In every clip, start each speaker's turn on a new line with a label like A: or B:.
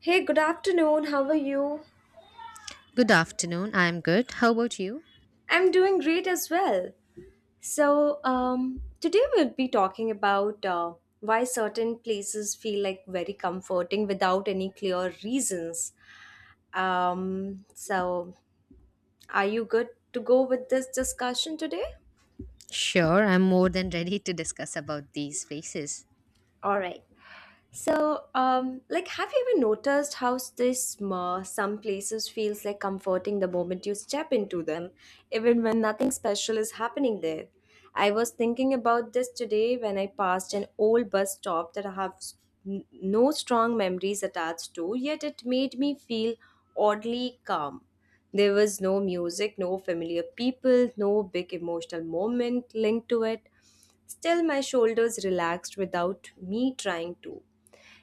A: Hey, good afternoon. How are you?
B: Good afternoon. I'm good. How about you?
A: I'm doing great as well. Today we'll be talking about why certain places feel like very comforting without any clear reasons. Um, so, are you good to go with this discussion today?
B: Sure, I'm more than ready to discuss about these phases.
A: All right. Have you ever noticed how this some places feels like comforting the moment you step into them, even when nothing special is happening there? I was thinking about this today when I passed an old bus stop that I have no strong memories attached to, yet it made me feel oddly calm. There was no music, no familiar people, no big emotional moment linked to it. Still, my shoulders relaxed without me trying to.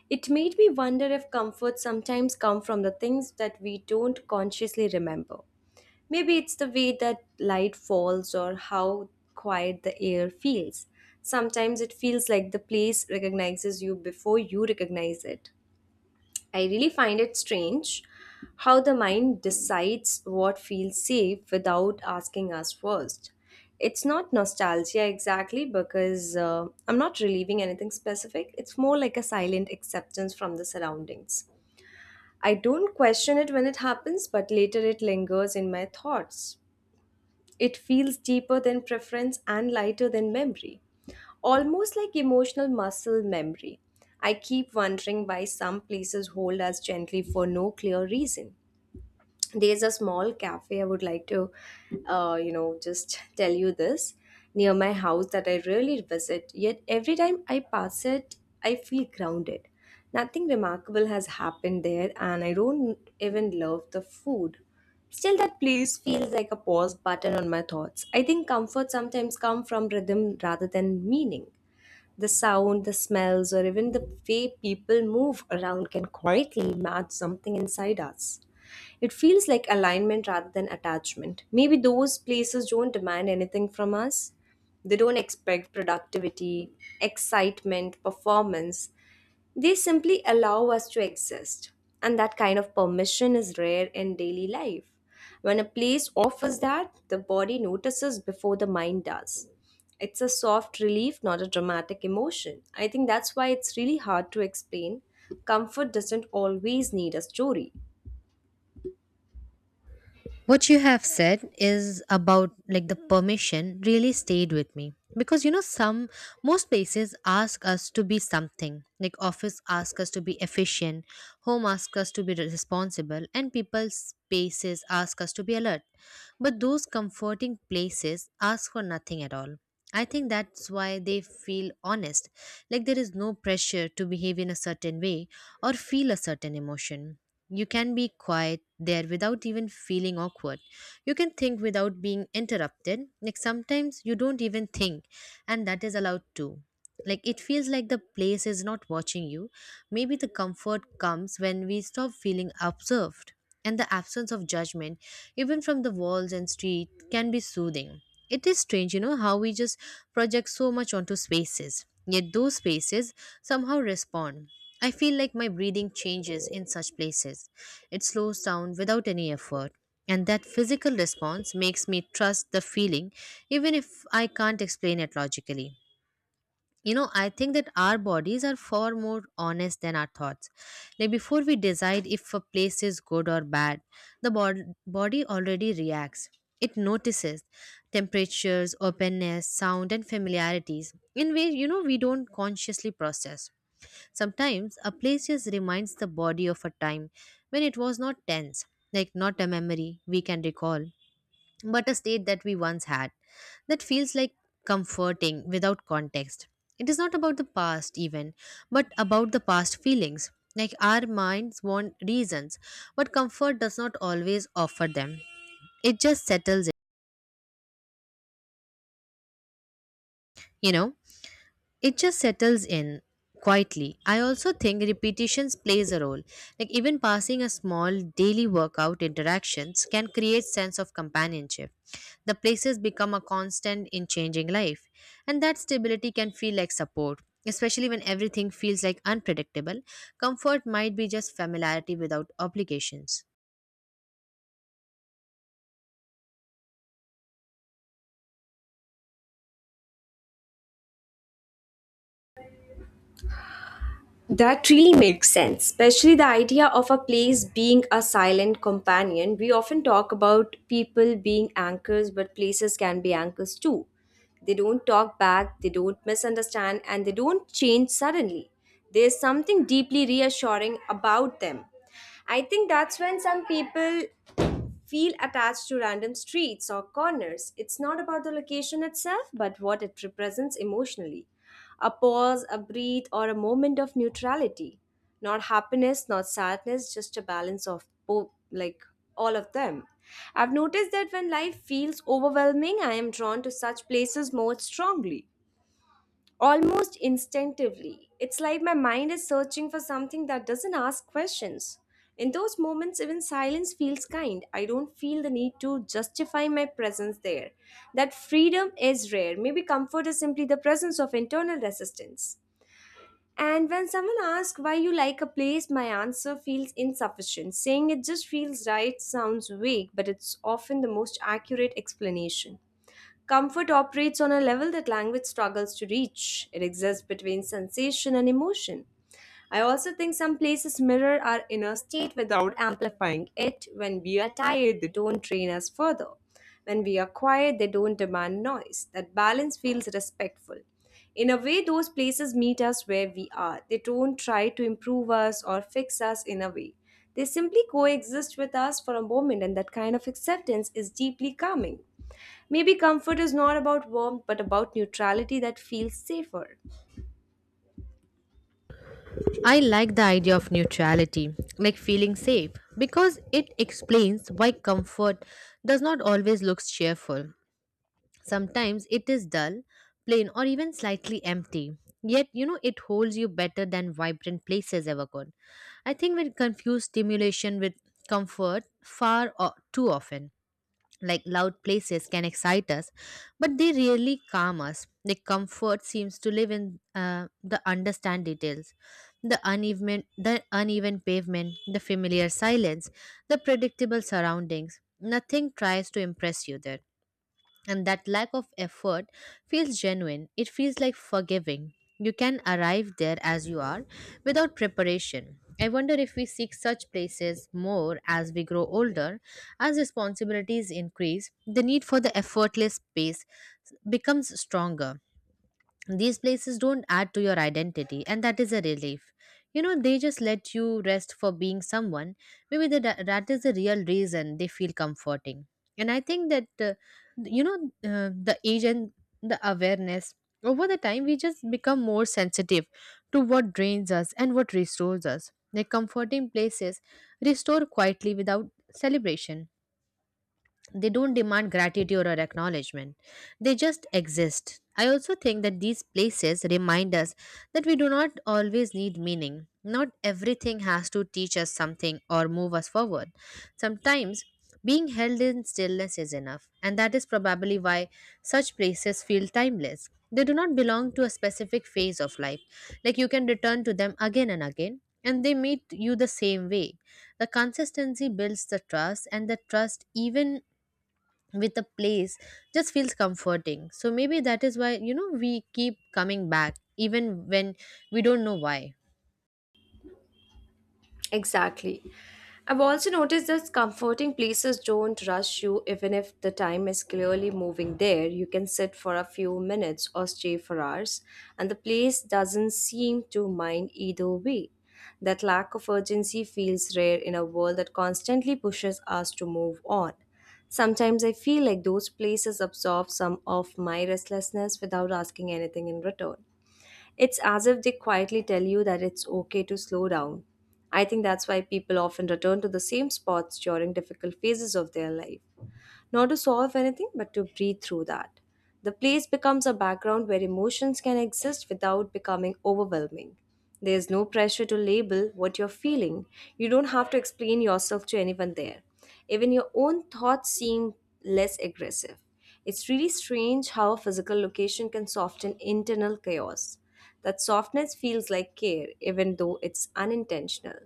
A: It made me wonder if comfort sometimes come from the things that we don't consciously remember. Maybe it's the way that light falls or how quiet the air feels. Sometimes it feels like the place recognizes you before you recognize it. I really find it strange how the mind decides what feels safe without asking us first. It's not nostalgia exactly because I'm not relieving anything specific. It's more like a silent acceptance from the surroundings. I don't question it when it happens, but later it lingers in my thoughts. It feels deeper than preference and lighter than memory, almost like emotional muscle memory. I keep wondering why some places hold us gently for no clear reason. There's a small cafe I would like to, you know, just tell you this near my house that I rarely visit, yet every time I pass it, I feel grounded. Nothing remarkable has happened there, and I don't even love the food. Still, that place feels like a pause button on my thoughts. I think comfort sometimes comes from rhythm rather than meaning. The sound, the smells, or even the way people move around can quietly match something inside us. It feels like alignment rather than attachment. Maybe those places don't demand anything from us. They don't expect productivity, excitement, performance, they simply allow us to exist, and that kind of permission is rare in daily life. When a place offers that, the body notices before the mind does. It's a soft relief, not a dramatic emotion. I think that's why it's really hard to explain. Comfort doesn't always need a story.
B: What you have said is about the permission really stayed with me because some most places ask us to be something like office ask us to be efficient, home ask us to be responsible, and people's spaces ask us to be alert, but those comforting places ask for nothing at all. I think that's why they feel honest, like there is no pressure to behave in a certain way or feel a certain emotion. You can be quiet there without even feeling awkward. You can think without being interrupted. Like sometimes you don't even think, and that is allowed too. Like it feels like the place is not watching you. Maybe the comfort comes when we stop feeling observed, and the absence of judgment, even from the walls and street, can be soothing. It is strange, you know, how we just project so much onto spaces, yet those spaces somehow respond. I feel like my breathing changes in such places. It slows down without any effort. And that physical response makes me trust the feeling, even if I can't explain it logically. You know, I think that our bodies are far more honest than our thoughts. Like before we decide if a place is good or bad, the body already reacts. It notices temperatures, openness, sound, and familiarities in ways, you know, we don't consciously process. Sometimes a place just reminds the body of a time when it was not tense, like not a memory we can recall, but a state that we once had. That feels like comforting without context. It is not about the past, even, but about the past feelings. Like our minds want reasons, but comfort does not always offer them. It just settles it, you know. It just settles in quietly. I also think repetitions plays a role, like even passing a small daily workout interactions can create sense of companionship. The places become a constant in changing life, and that stability can feel like support, especially when everything feels like unpredictable. Comfort might be just familiarity without obligations.
A: That really makes sense, especially the idea of a place being a silent companion. We often talk about people being anchors, but places can be anchors too. They don't talk back, they don't misunderstand, and they don't change suddenly. There's something deeply reassuring about them. I think that's when some people feel attached to random streets or corners. It's not about the location itself, but what it represents emotionally. A pause, a breathe, or a moment of neutrality. Not happiness, not sadness, just a balance of both, like all of them. I've noticed that when life feels overwhelming, I am drawn to such places more strongly, almost instinctively. It's like my mind is searching for something that doesn't ask questions. In those moments, even silence feels kind. I don't feel the need to justify my presence there. That freedom is rare. Maybe comfort is simply the presence of internal resistance. And when someone asks why you like a place, my answer feels insufficient. Saying it just feels right sounds vague, but it's often the most accurate explanation. Comfort operates on a level that language struggles to reach. It exists between sensation and emotion. I also think some places mirror our inner state without amplifying it. When we are tired, they don't drain us further. When we are quiet, they don't demand noise. That balance feels respectful. In a way, those places meet us where we are. They don't try to improve us or fix us in a way. They simply coexist with us for a moment, and that kind of acceptance is deeply calming. Maybe comfort is not about warmth, but about neutrality that feels safer.
B: I like the idea of neutrality, like feeling safe, because it explains why comfort does not always look cheerful. Sometimes it is dull, plain, or even slightly empty. Yet, you know, it holds you better than vibrant places ever could. I think we confuse stimulation with comfort far too often. Like loud places can excite us, but they rarely calm us. The comfort seems to live in the understand details, the uneven pavement, the familiar silence, the predictable surroundings. Nothing tries to impress you there, and that lack of effort feels genuine. It feels like forgiving. You can arrive there as you are without preparation. I wonder if we seek such places more as we grow older. As responsibilities increase, the need for the effortless space becomes stronger. These places don't add to your identity, and that is a relief. You know, they just let you rest for being someone. Maybe that is the real reason they feel comforting. And I think that you know the age and the awareness over the time, we just become more sensitive to what drains us and what restores us. The comforting places restore quietly without celebration. They don't demand gratitude or acknowledgement. They just exist. I also think that these places remind us that we do not always need meaning. Not everything has to teach us something or move us forward. Sometimes being held in stillness is enough, and that is probably why such places feel timeless. They do not belong to a specific phase of life. Like you can return to them again and again, and they meet you the same way. The consistency builds the trust, and the trust, even with a place, just feels comforting. So maybe, that is why you know, we keep coming back even when we don't know why.
A: Exactly. I've also noticed that comforting places don't rush you, even if the time is clearly moving there. You can sit for a few minutes or stay for hours, and the place doesn't seem to mind either way. That lack of urgency feels rare in a world that constantly pushes us to move on. Sometimes I feel like those places absorb some of my restlessness without asking anything in return. It's as if they quietly tell you that it's okay to slow down. I think that's why people often return to the same spots during difficult phases of their life, not to solve anything, but to breathe through that. The place becomes a background where emotions can exist without becoming overwhelming. There's no pressure to label what you're feeling. You don't have to explain yourself to anyone there. Even your own thoughts seem less aggressive. It's really strange how a physical location can soften internal chaos. That softness feels like care, even though it's unintentional.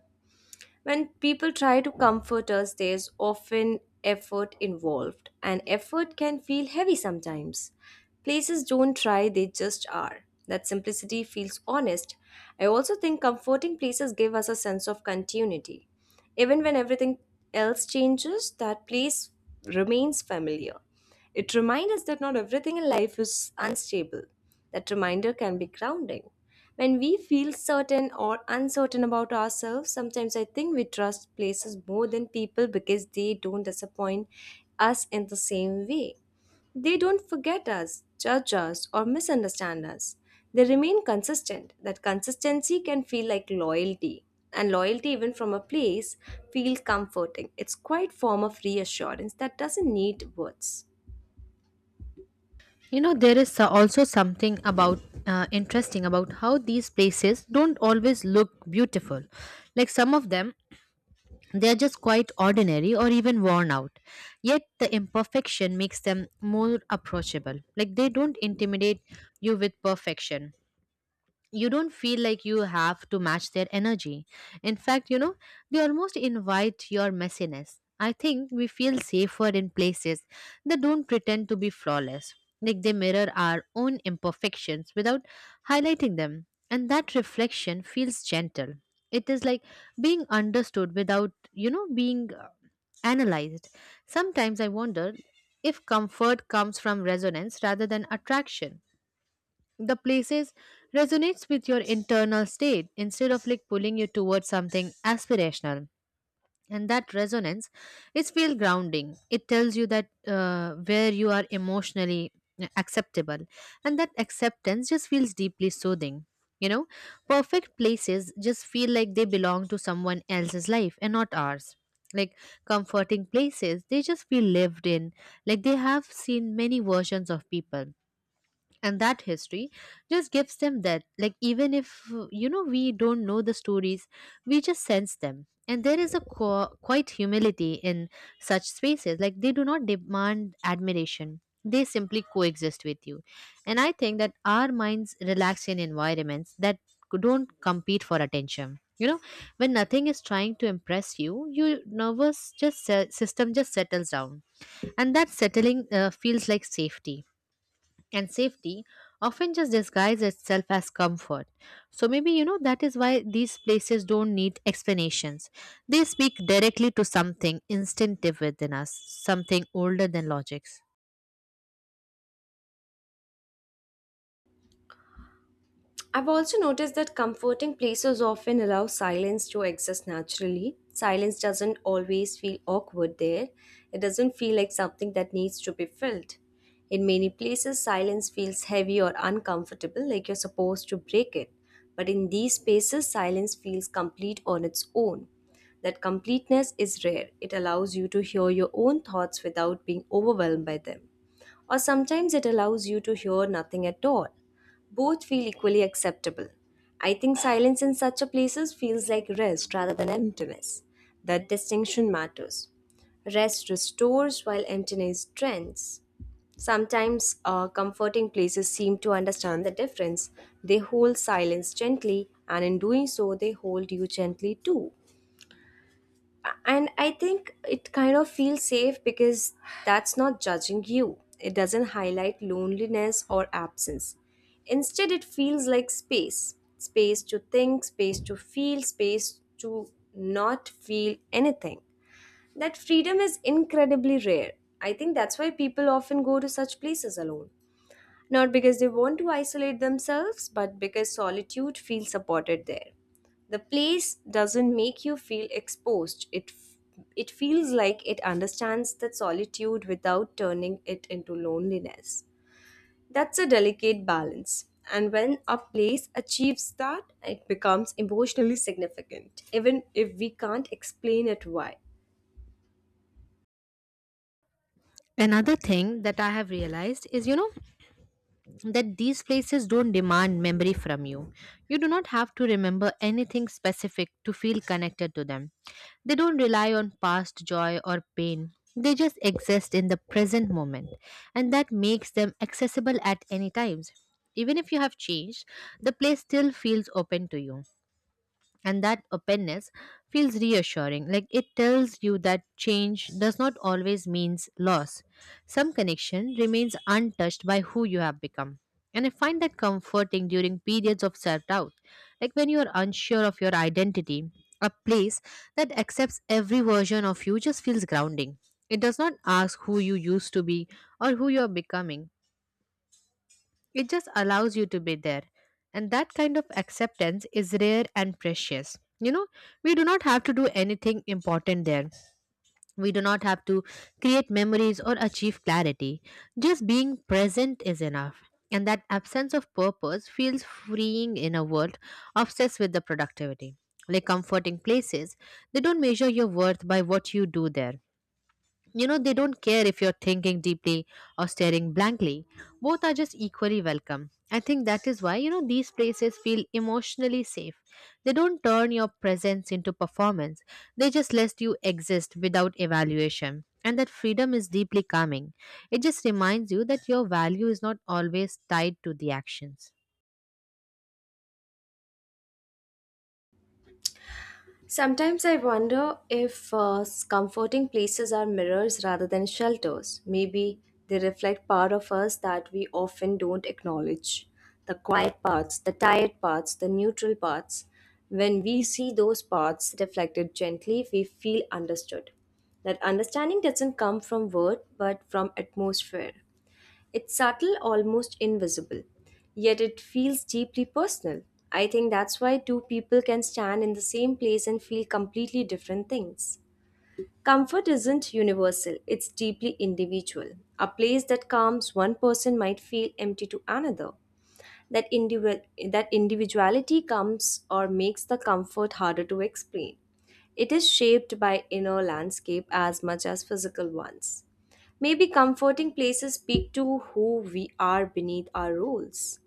A: When people try to comfort us, there's often effort involved, and effort can feel heavy sometimes. Places don't try, they just are. That simplicity feels honest. I also think comforting places give us a sense of continuity. Even when everything else changes, that place remains familiar. It reminds us that not everything in life is unstable. That reminder can be grounding. When we feel certain or uncertain about ourselves, sometimes I think we trust places more than people because they don't disappoint us in the same way. They don't forget us, judge us, or misunderstand us. They remain consistent. That consistency can feel like loyalty. And loyalty, even from a place, feels comforting. It's quite form of reassurance that doesn't need words.
B: You know, there is also something about interesting about how these places don't always look beautiful. Like some of them, they are just quite ordinary or even worn out. Yet the imperfection makes them more approachable. Like they don't intimidate you with perfection. You don't feel like you have to match their energy. In fact, you know, they almost invite your messiness. I think we feel safer in places that don't pretend to be flawless, like they mirror our own imperfections without highlighting them. And that reflection feels gentle. It is like being understood without, you know, being analyzed. Sometimes I wonder if comfort comes from resonance rather than attraction. The places resonates with your internal state instead of like pulling you towards something aspirational, and that resonance is feel grounding. It tells you that where you are emotionally acceptable, and that acceptance just feels deeply soothing, you know. Perfect places just feel like they belong to someone else's life and not ours. Like comforting places, they just feel lived in, like they have seen many versions of people, and that history just gives them that. Like even if, we don't know the stories, we just sense them. And there is a quite humility in such spaces. Like they do not demand admiration, they simply coexist with you. And I think that our minds relax in environments that don't compete for attention, you know. When nothing is trying to impress you, your nervous just system just settles down, and that settling feels like safety, and safety often just disguises itself as comfort. So maybe, you know, that is why these places don't need explanations. They speak directly to something instinctive within us, something older than logics.
A: I've also noticed that comforting places often allow silence to exist naturally. Silence doesn't always feel awkward there. It doesn't feel like something that needs to be filled. In many places, silence feels heavy or uncomfortable, like you're supposed to break it. But in these spaces, silence feels complete on its own. That completeness is rare. It allows you to hear your own thoughts without being overwhelmed by them, or sometimes it allows you to hear nothing at all. Both feel equally acceptable. I think silence in such a places feels like rest rather than emptiness. That distinction matters. Rest restores while emptiness strengthens. Sometimes comforting places seem to understand the difference. They hold silence gently, and in doing so, they hold you gently too. And I think it kind of feels safe because that's not judging you. It doesn't highlight loneliness or absence. Instead, it feels like space, space to think, space to feel, space to not feel anything. That freedom is incredibly rare. I think that's why people often go to such places alone, not because they want to isolate themselves, but because solitude feels supported there. The place doesn't make you feel exposed. It feels like it understands that solitude without turning it into loneliness. That's a delicate balance. And when a place achieves that, it becomes emotionally significant, even if we can't explain it why.
B: Another thing that I have realized is, you know, that these places don't demand memory from you. You do not have to remember anything specific to feel connected to them. They don't rely on past joy or pain. They just exist in the present moment, and that makes them accessible at any times. Even if you have changed, the place still feels open to you, and that openness feels reassuring. Like it tells you that change does not always means loss. Some connection remains untouched by who you have become, and I find that comforting during periods of self doubt. Like when you are unsure of your identity, a place that accepts every version of you just feels grounding. It does not ask who you used to be or who you are becoming. It just allows you to be there. And that kind of acceptance is rare and precious. You know, we do not have to do anything important there. We do not have to create memories or achieve clarity. Just being present is enough. And that absence of purpose feels freeing in a world obsessed with the productivity. Like comforting places, they don't measure your worth by what you do there. You know, they don't care if you're thinking deeply or staring blankly. Both are just equally welcome. I think that is why, you know, these places feel emotionally safe. They don't turn your presence into performance, they just let you exist without evaluation. And that freedom is deeply calming. It just reminds you that your value is not always tied to the actions.
A: Sometimes I wonder if comforting places are mirrors rather than shelters. Maybe they reflect part of us that we often don't acknowledge, the quiet parts, the tired parts, the neutral parts. When we see those parts reflected gently, we feel understood. That understanding doesn't come from word but from atmosphere. It's subtle, almost invisible, yet it feels deeply personal. I think that's why two people can stand in the same place and feel completely different things. Comfort isn't universal, it's deeply individual. A place that calms one person might feel empty to another. That individual that individuality comes or makes the comfort harder to explain. It is shaped by inner landscape as much as physical ones. Maybe comforting places speak to who we are beneath our rules.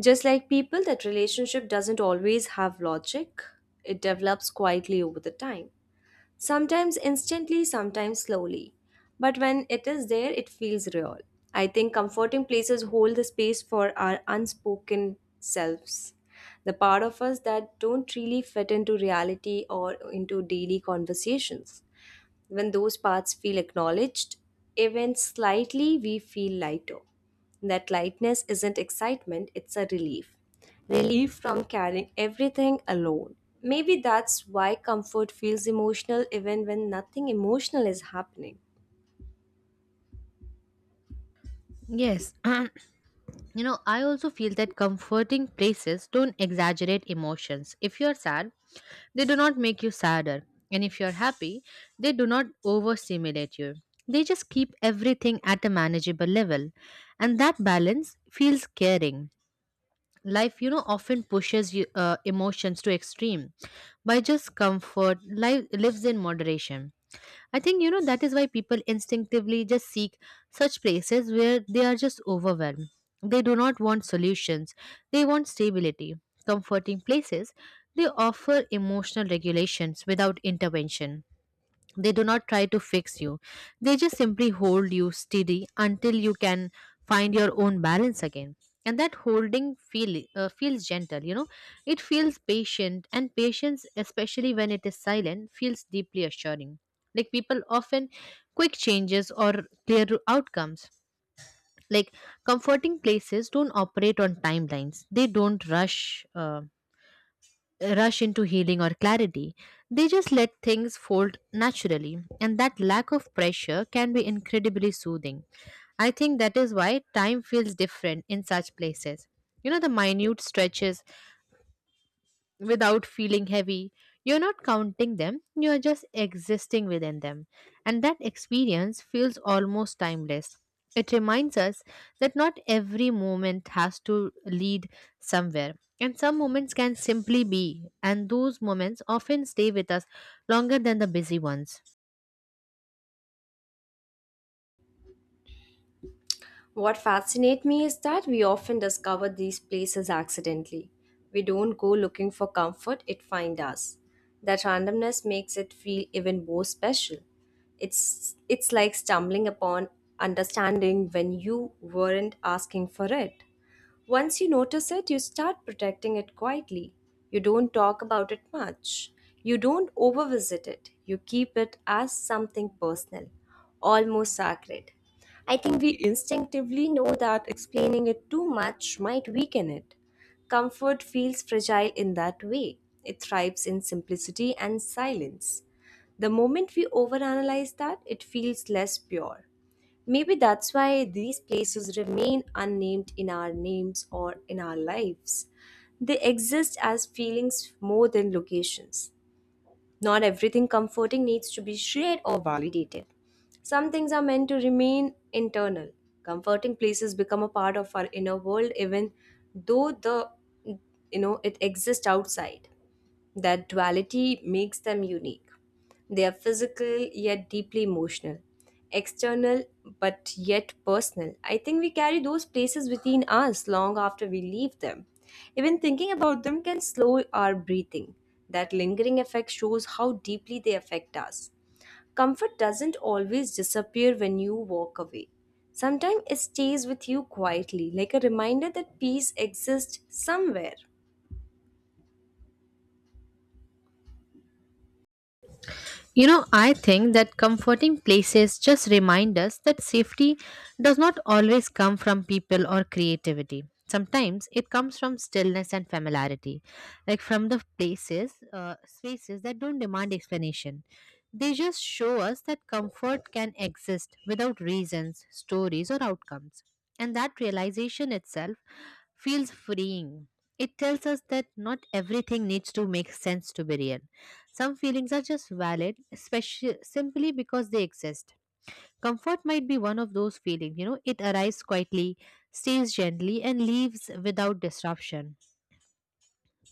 A: Just like people, that relationship doesn't always have logic. It develops quietly over the time, sometimes instantly, sometimes slowly. But when it is there, it feels real. I think comforting places hold the space for our unspoken selves. The part of us that don't really fit into reality or into daily conversations. When those parts feel acknowledged, even slightly, we feel lighter. That lightness isn't excitement, it's a relief. Relief from carrying everything alone. Maybe that's why comfort feels emotional even when nothing emotional is happening.
B: Yes. You know, I also feel that comforting places don't exaggerate emotions. If you're sad, they do not make you sadder. And if you're happy, they do not overstimulate you. They just keep everything at a manageable level. And that balance feels caring. Life, you know, often pushes you, emotions to extreme. By just comfort, life lives in moderation. I think, you know, that is why people instinctively just seek such places where they are just overwhelmed. They do not want solutions, they want stability. Comforting places, they offer emotional regulations without intervention. They do not try to fix you. They just simply hold you steady until you can find your own balance again. And that holding feels gentle, you know. It feels patient, and patience, especially when it is silent, feels deeply assuring. Like people often quick changes or clear outcomes. Like comforting places don't operate on timelines, they don't rush. Rush into healing or clarity. They just let things fold naturally, and that lack of pressure can be incredibly soothing. I think that is why time feels different in such places. You know, the minute stretches without feeling heavy. You're not counting them, you're just existing within them. And that experience feels almost timeless. It reminds us that not every moment has to lead somewhere. And some moments can simply be, and those moments often stay with us longer than the busy ones.
A: What fascinates me is that we often discover these places accidentally. We don't go looking for comfort, it finds us. That randomness makes it feel even more special. It's like stumbling upon understanding when you weren't asking for it. Once you notice it, you start protecting it quietly. You don't talk about it much. You don't overvisit it. You keep it as something personal, almost sacred. I think we instinctively know that explaining it too much might weaken it. Comfort feels fragile in that way. It thrives in simplicity and silence. The moment we overanalyze that, it feels less pure. Maybe that's why these places remain unnamed in our names or in our lives. They exist as feelings more than locations. Not everything comforting needs to be shared or validated. Some things are meant to remain internal. Comforting places become a part of our inner world even though the it exists outside. That duality makes them unique. They are physical yet deeply emotional, external but yet personal. I think we carry those places within us long after we leave them. Even thinking about them can slow our breathing. That lingering effect shows how deeply they affect us. Comfort doesn't always disappear when you walk away. Sometimes it stays with you quietly, like a reminder that peace exists somewhere.
B: You know, I think that comforting places just remind us that safety does not always come from people or creativity. Sometimes it comes from stillness and familiarity, like from the places, spaces that don't demand explanation. They just show us that comfort can exist without reasons, stories, or outcomes. And that realization itself feels freeing. It tells us that not everything needs to make sense to be real. Some feelings are just valid, especially simply because they exist. Comfort might be one of those feelings, you know, it arrives quietly, stays gently, and leaves without disruption.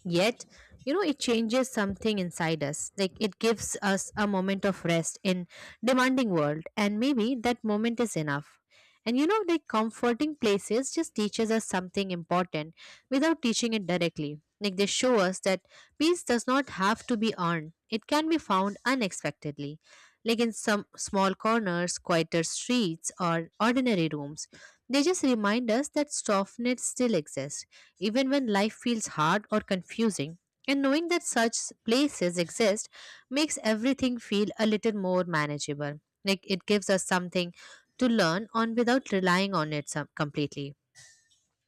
B: Yet, you know, it changes something inside us. Like it gives us a moment of rest in demanding world, and maybe that moment is enough. And you know, like comforting places just teaches us something important without teaching it directly. Like they show us that peace does not have to be earned. It can be found unexpectedly, like in some small corners, quieter streets, or ordinary rooms. They just remind us that softness still exists even when life feels hard or confusing. And knowing that such places exist makes everything feel a little more manageable. Like it gives us something to learn on without relying on it some, completely.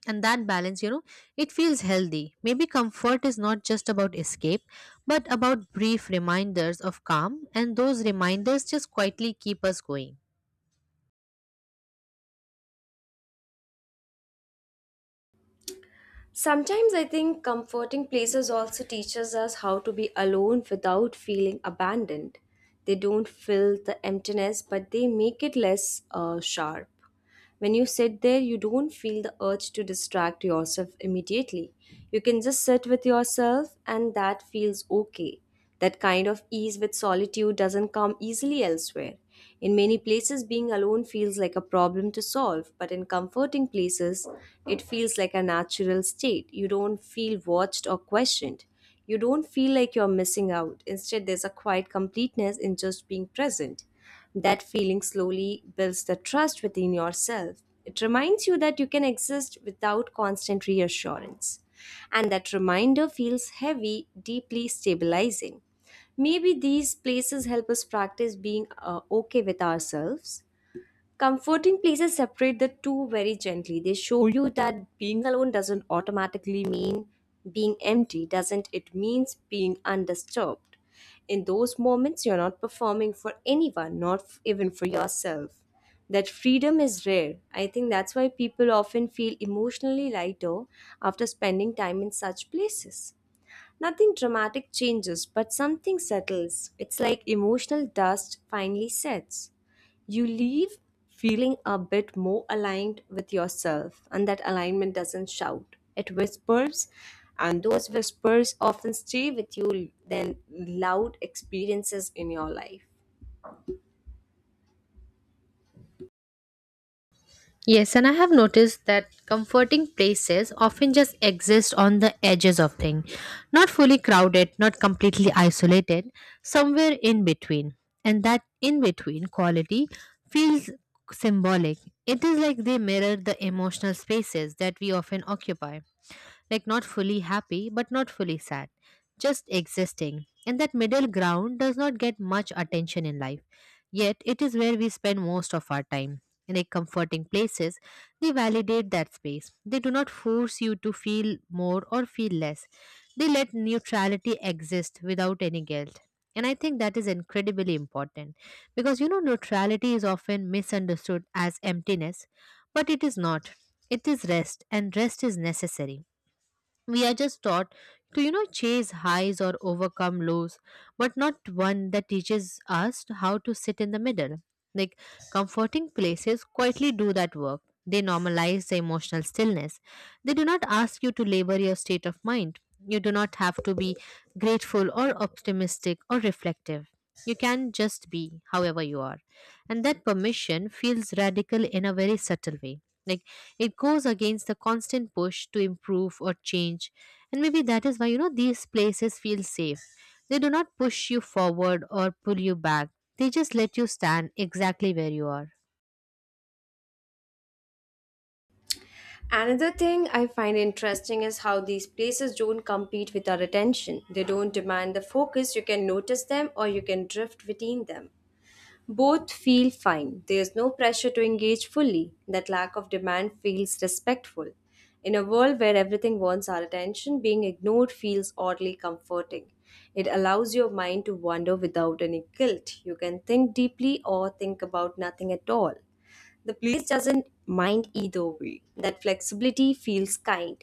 B: And that balance, you know, it feels healthy. Maybe comfort is not just about escape, but about brief reminders of calm, and those reminders just quietly keep us going.
A: Sometimes I think comforting places also teaches us how to be alone without feeling abandoned. They don't fill the emptiness, but they make it less sharp. When you sit there, you don't feel the urge to distract yourself immediately. You can just sit with yourself, and that feels okay. That kind of ease with solitude doesn't come easily elsewhere. In many places, being alone feels like a problem to solve, but in comforting places, it feels like a natural state. You don't feel watched or questioned. You don't feel like you're missing out. Instead, there's a quiet completeness in just being present. That feeling slowly builds the trust within yourself. It reminds you that you can exist without constant reassurance. And that reminder feels heavy, deeply stabilizing. Maybe these places help us practice being okay with ourselves. Comforting places separate the two very gently. They show you that being alone doesn't automatically mean being empty, doesn't it? Means being undisturbed. In those moments, you're not performing for anyone, not f- even for yourself. That freedom is rare. I think that's why people often feel emotionally lighter after spending time in such places. Nothing dramatic changes, but something settles. It's like emotional dust finally sets. You leave feeling a bit more aligned with yourself, and that alignment doesn't shout, it whispers. And those whispers often stay with you than loud experiences in your life.
B: Yes, and I have noticed that comforting places often just exist on the edges of things, not fully crowded, not completely isolated, somewhere in between. And that in between quality feels symbolic. It is like they mirror the emotional spaces that we often occupy, like not fully happy but not fully sad, just existing. And that middle ground does not get much attention in life. Yet it is where we spend most of our time. In a comforting places, they validate that space. They do not force you to feel more or feel less. They let neutrality exist without any guilt. And I think that is incredibly important because, you know, neutrality is often misunderstood as emptiness, but it is not. It is rest, and rest is necessary. We are just taught to, you know, chase highs or overcome lows, but not one that teaches us how to sit in the middle. Like comforting places quietly do that work. They normalize the emotional stillness. They do not ask you to labor your state of mind. You do not have to be grateful or optimistic or reflective. You can just be however you are. And that permission feels radical in a very subtle way, like it goes against the constant push to improve or change. And maybe that is why, you know, these places feel safe. They do not push you forward or pull you back, they just let you stand exactly where you are.
A: Another thing I find interesting is how these places don't compete with our attention. They don't demand the focus. You can notice them or you can drift between them. Both feel fine. There's no pressure to engage fully. That lack of demand feels respectful. In a world where everything wants our attention, being ignored feels oddly comforting. It allows your mind to wander without any guilt. You can think deeply or think about nothing at all. The place doesn't mind either way. That flexibility feels kind.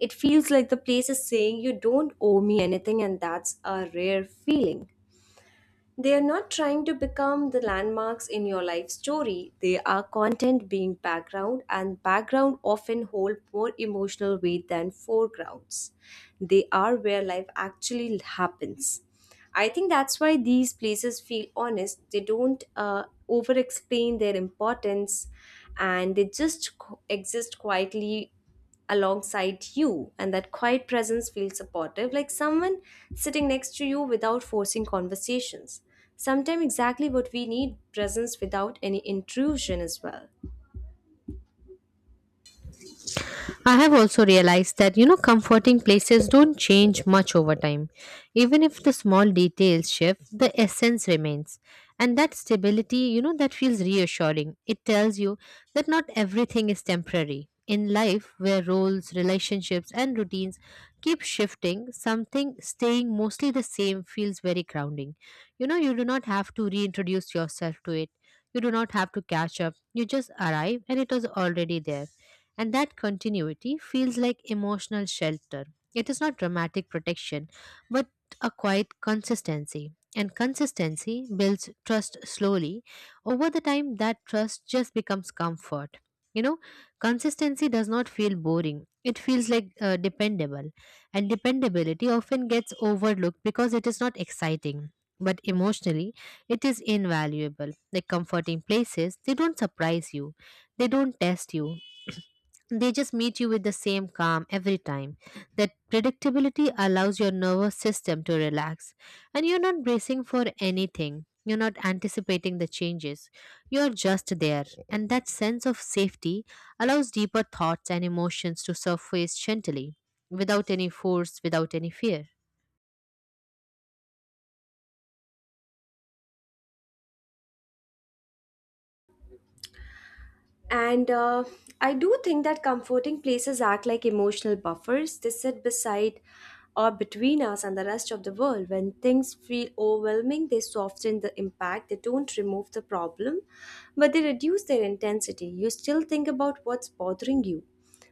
A: It feels like the place is saying, "You don't owe me anything," and that's a rare feeling. They are not trying to become the landmarks in your life story. They are content being background, and background often hold more emotional weight than foregrounds. They are where life actually happens. I think that's why these places feel honest. They don't over explain their importance, and they just co- exist quietly alongside you, and that quiet presence feels supportive, like someone sitting next to you without forcing conversations. Sometimes exactly what we need, presence without any intrusion as well.
B: I have also realized that, you know, comforting places don't change much over time. Even if the small details shift, the essence remains. And that stability, you know, that feels reassuring. It tells you that not everything is temporary. In life, where roles, relationships, and routines keep shifting, something staying mostly the same feels very grounding. You know, you do not have to reintroduce yourself to it. You do not have to catch up. You just arrive and it was already there, and that continuity feels like emotional shelter. It is not dramatic protection, but a quiet consistency. And consistency builds trust slowly. Over the time, that trust just becomes comfort. You know, consistency does not feel boring. It feels like dependable. And dependability often gets overlooked because it is not exciting. But emotionally, it is invaluable. Like comforting places, they don't surprise you, they don't test you, they just meet you with the same calm every time. That predictability allows your nervous system to relax. And you're not bracing for anything. You're not anticipating the changes. You're just there. And that sense of safety allows deeper thoughts and emotions to surface gently, without any force, without any fear.
A: And I do think that comforting places act like emotional buffers. They sit beside or between us and the rest of the world. When things feel overwhelming, they soften the impact. They don't remove the problem, but they reduce their intensity. You still think about what's bothering you,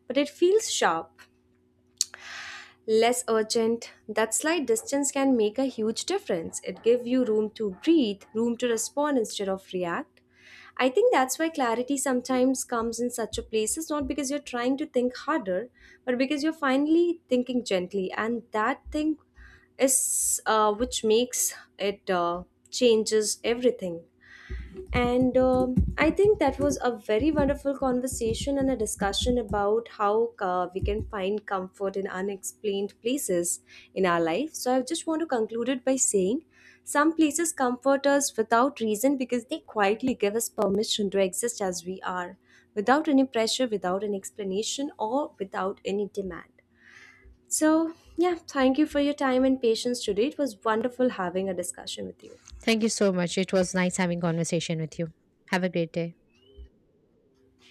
A: but it feels sharp, less urgent. That slight distance can make a huge difference. It gives you room to breathe, room to respond instead of react. I think that's why clarity sometimes comes in such a place. It's not because you're trying to think harder, but because you're finally thinking gently. And that thing is which makes it changes everything. And I think that was a very wonderful conversation and a discussion about how we can find comfort in unexplained places in our life. So I just want to conclude it by saying some places comfort us without reason because they quietly give us permission to exist as we are, without any pressure, without an explanation, or without any demand. So, yeah, thank you for your time and patience today. It was wonderful having a discussion with you.
B: Thank you so much. It was nice having conversation with you. Have a great day.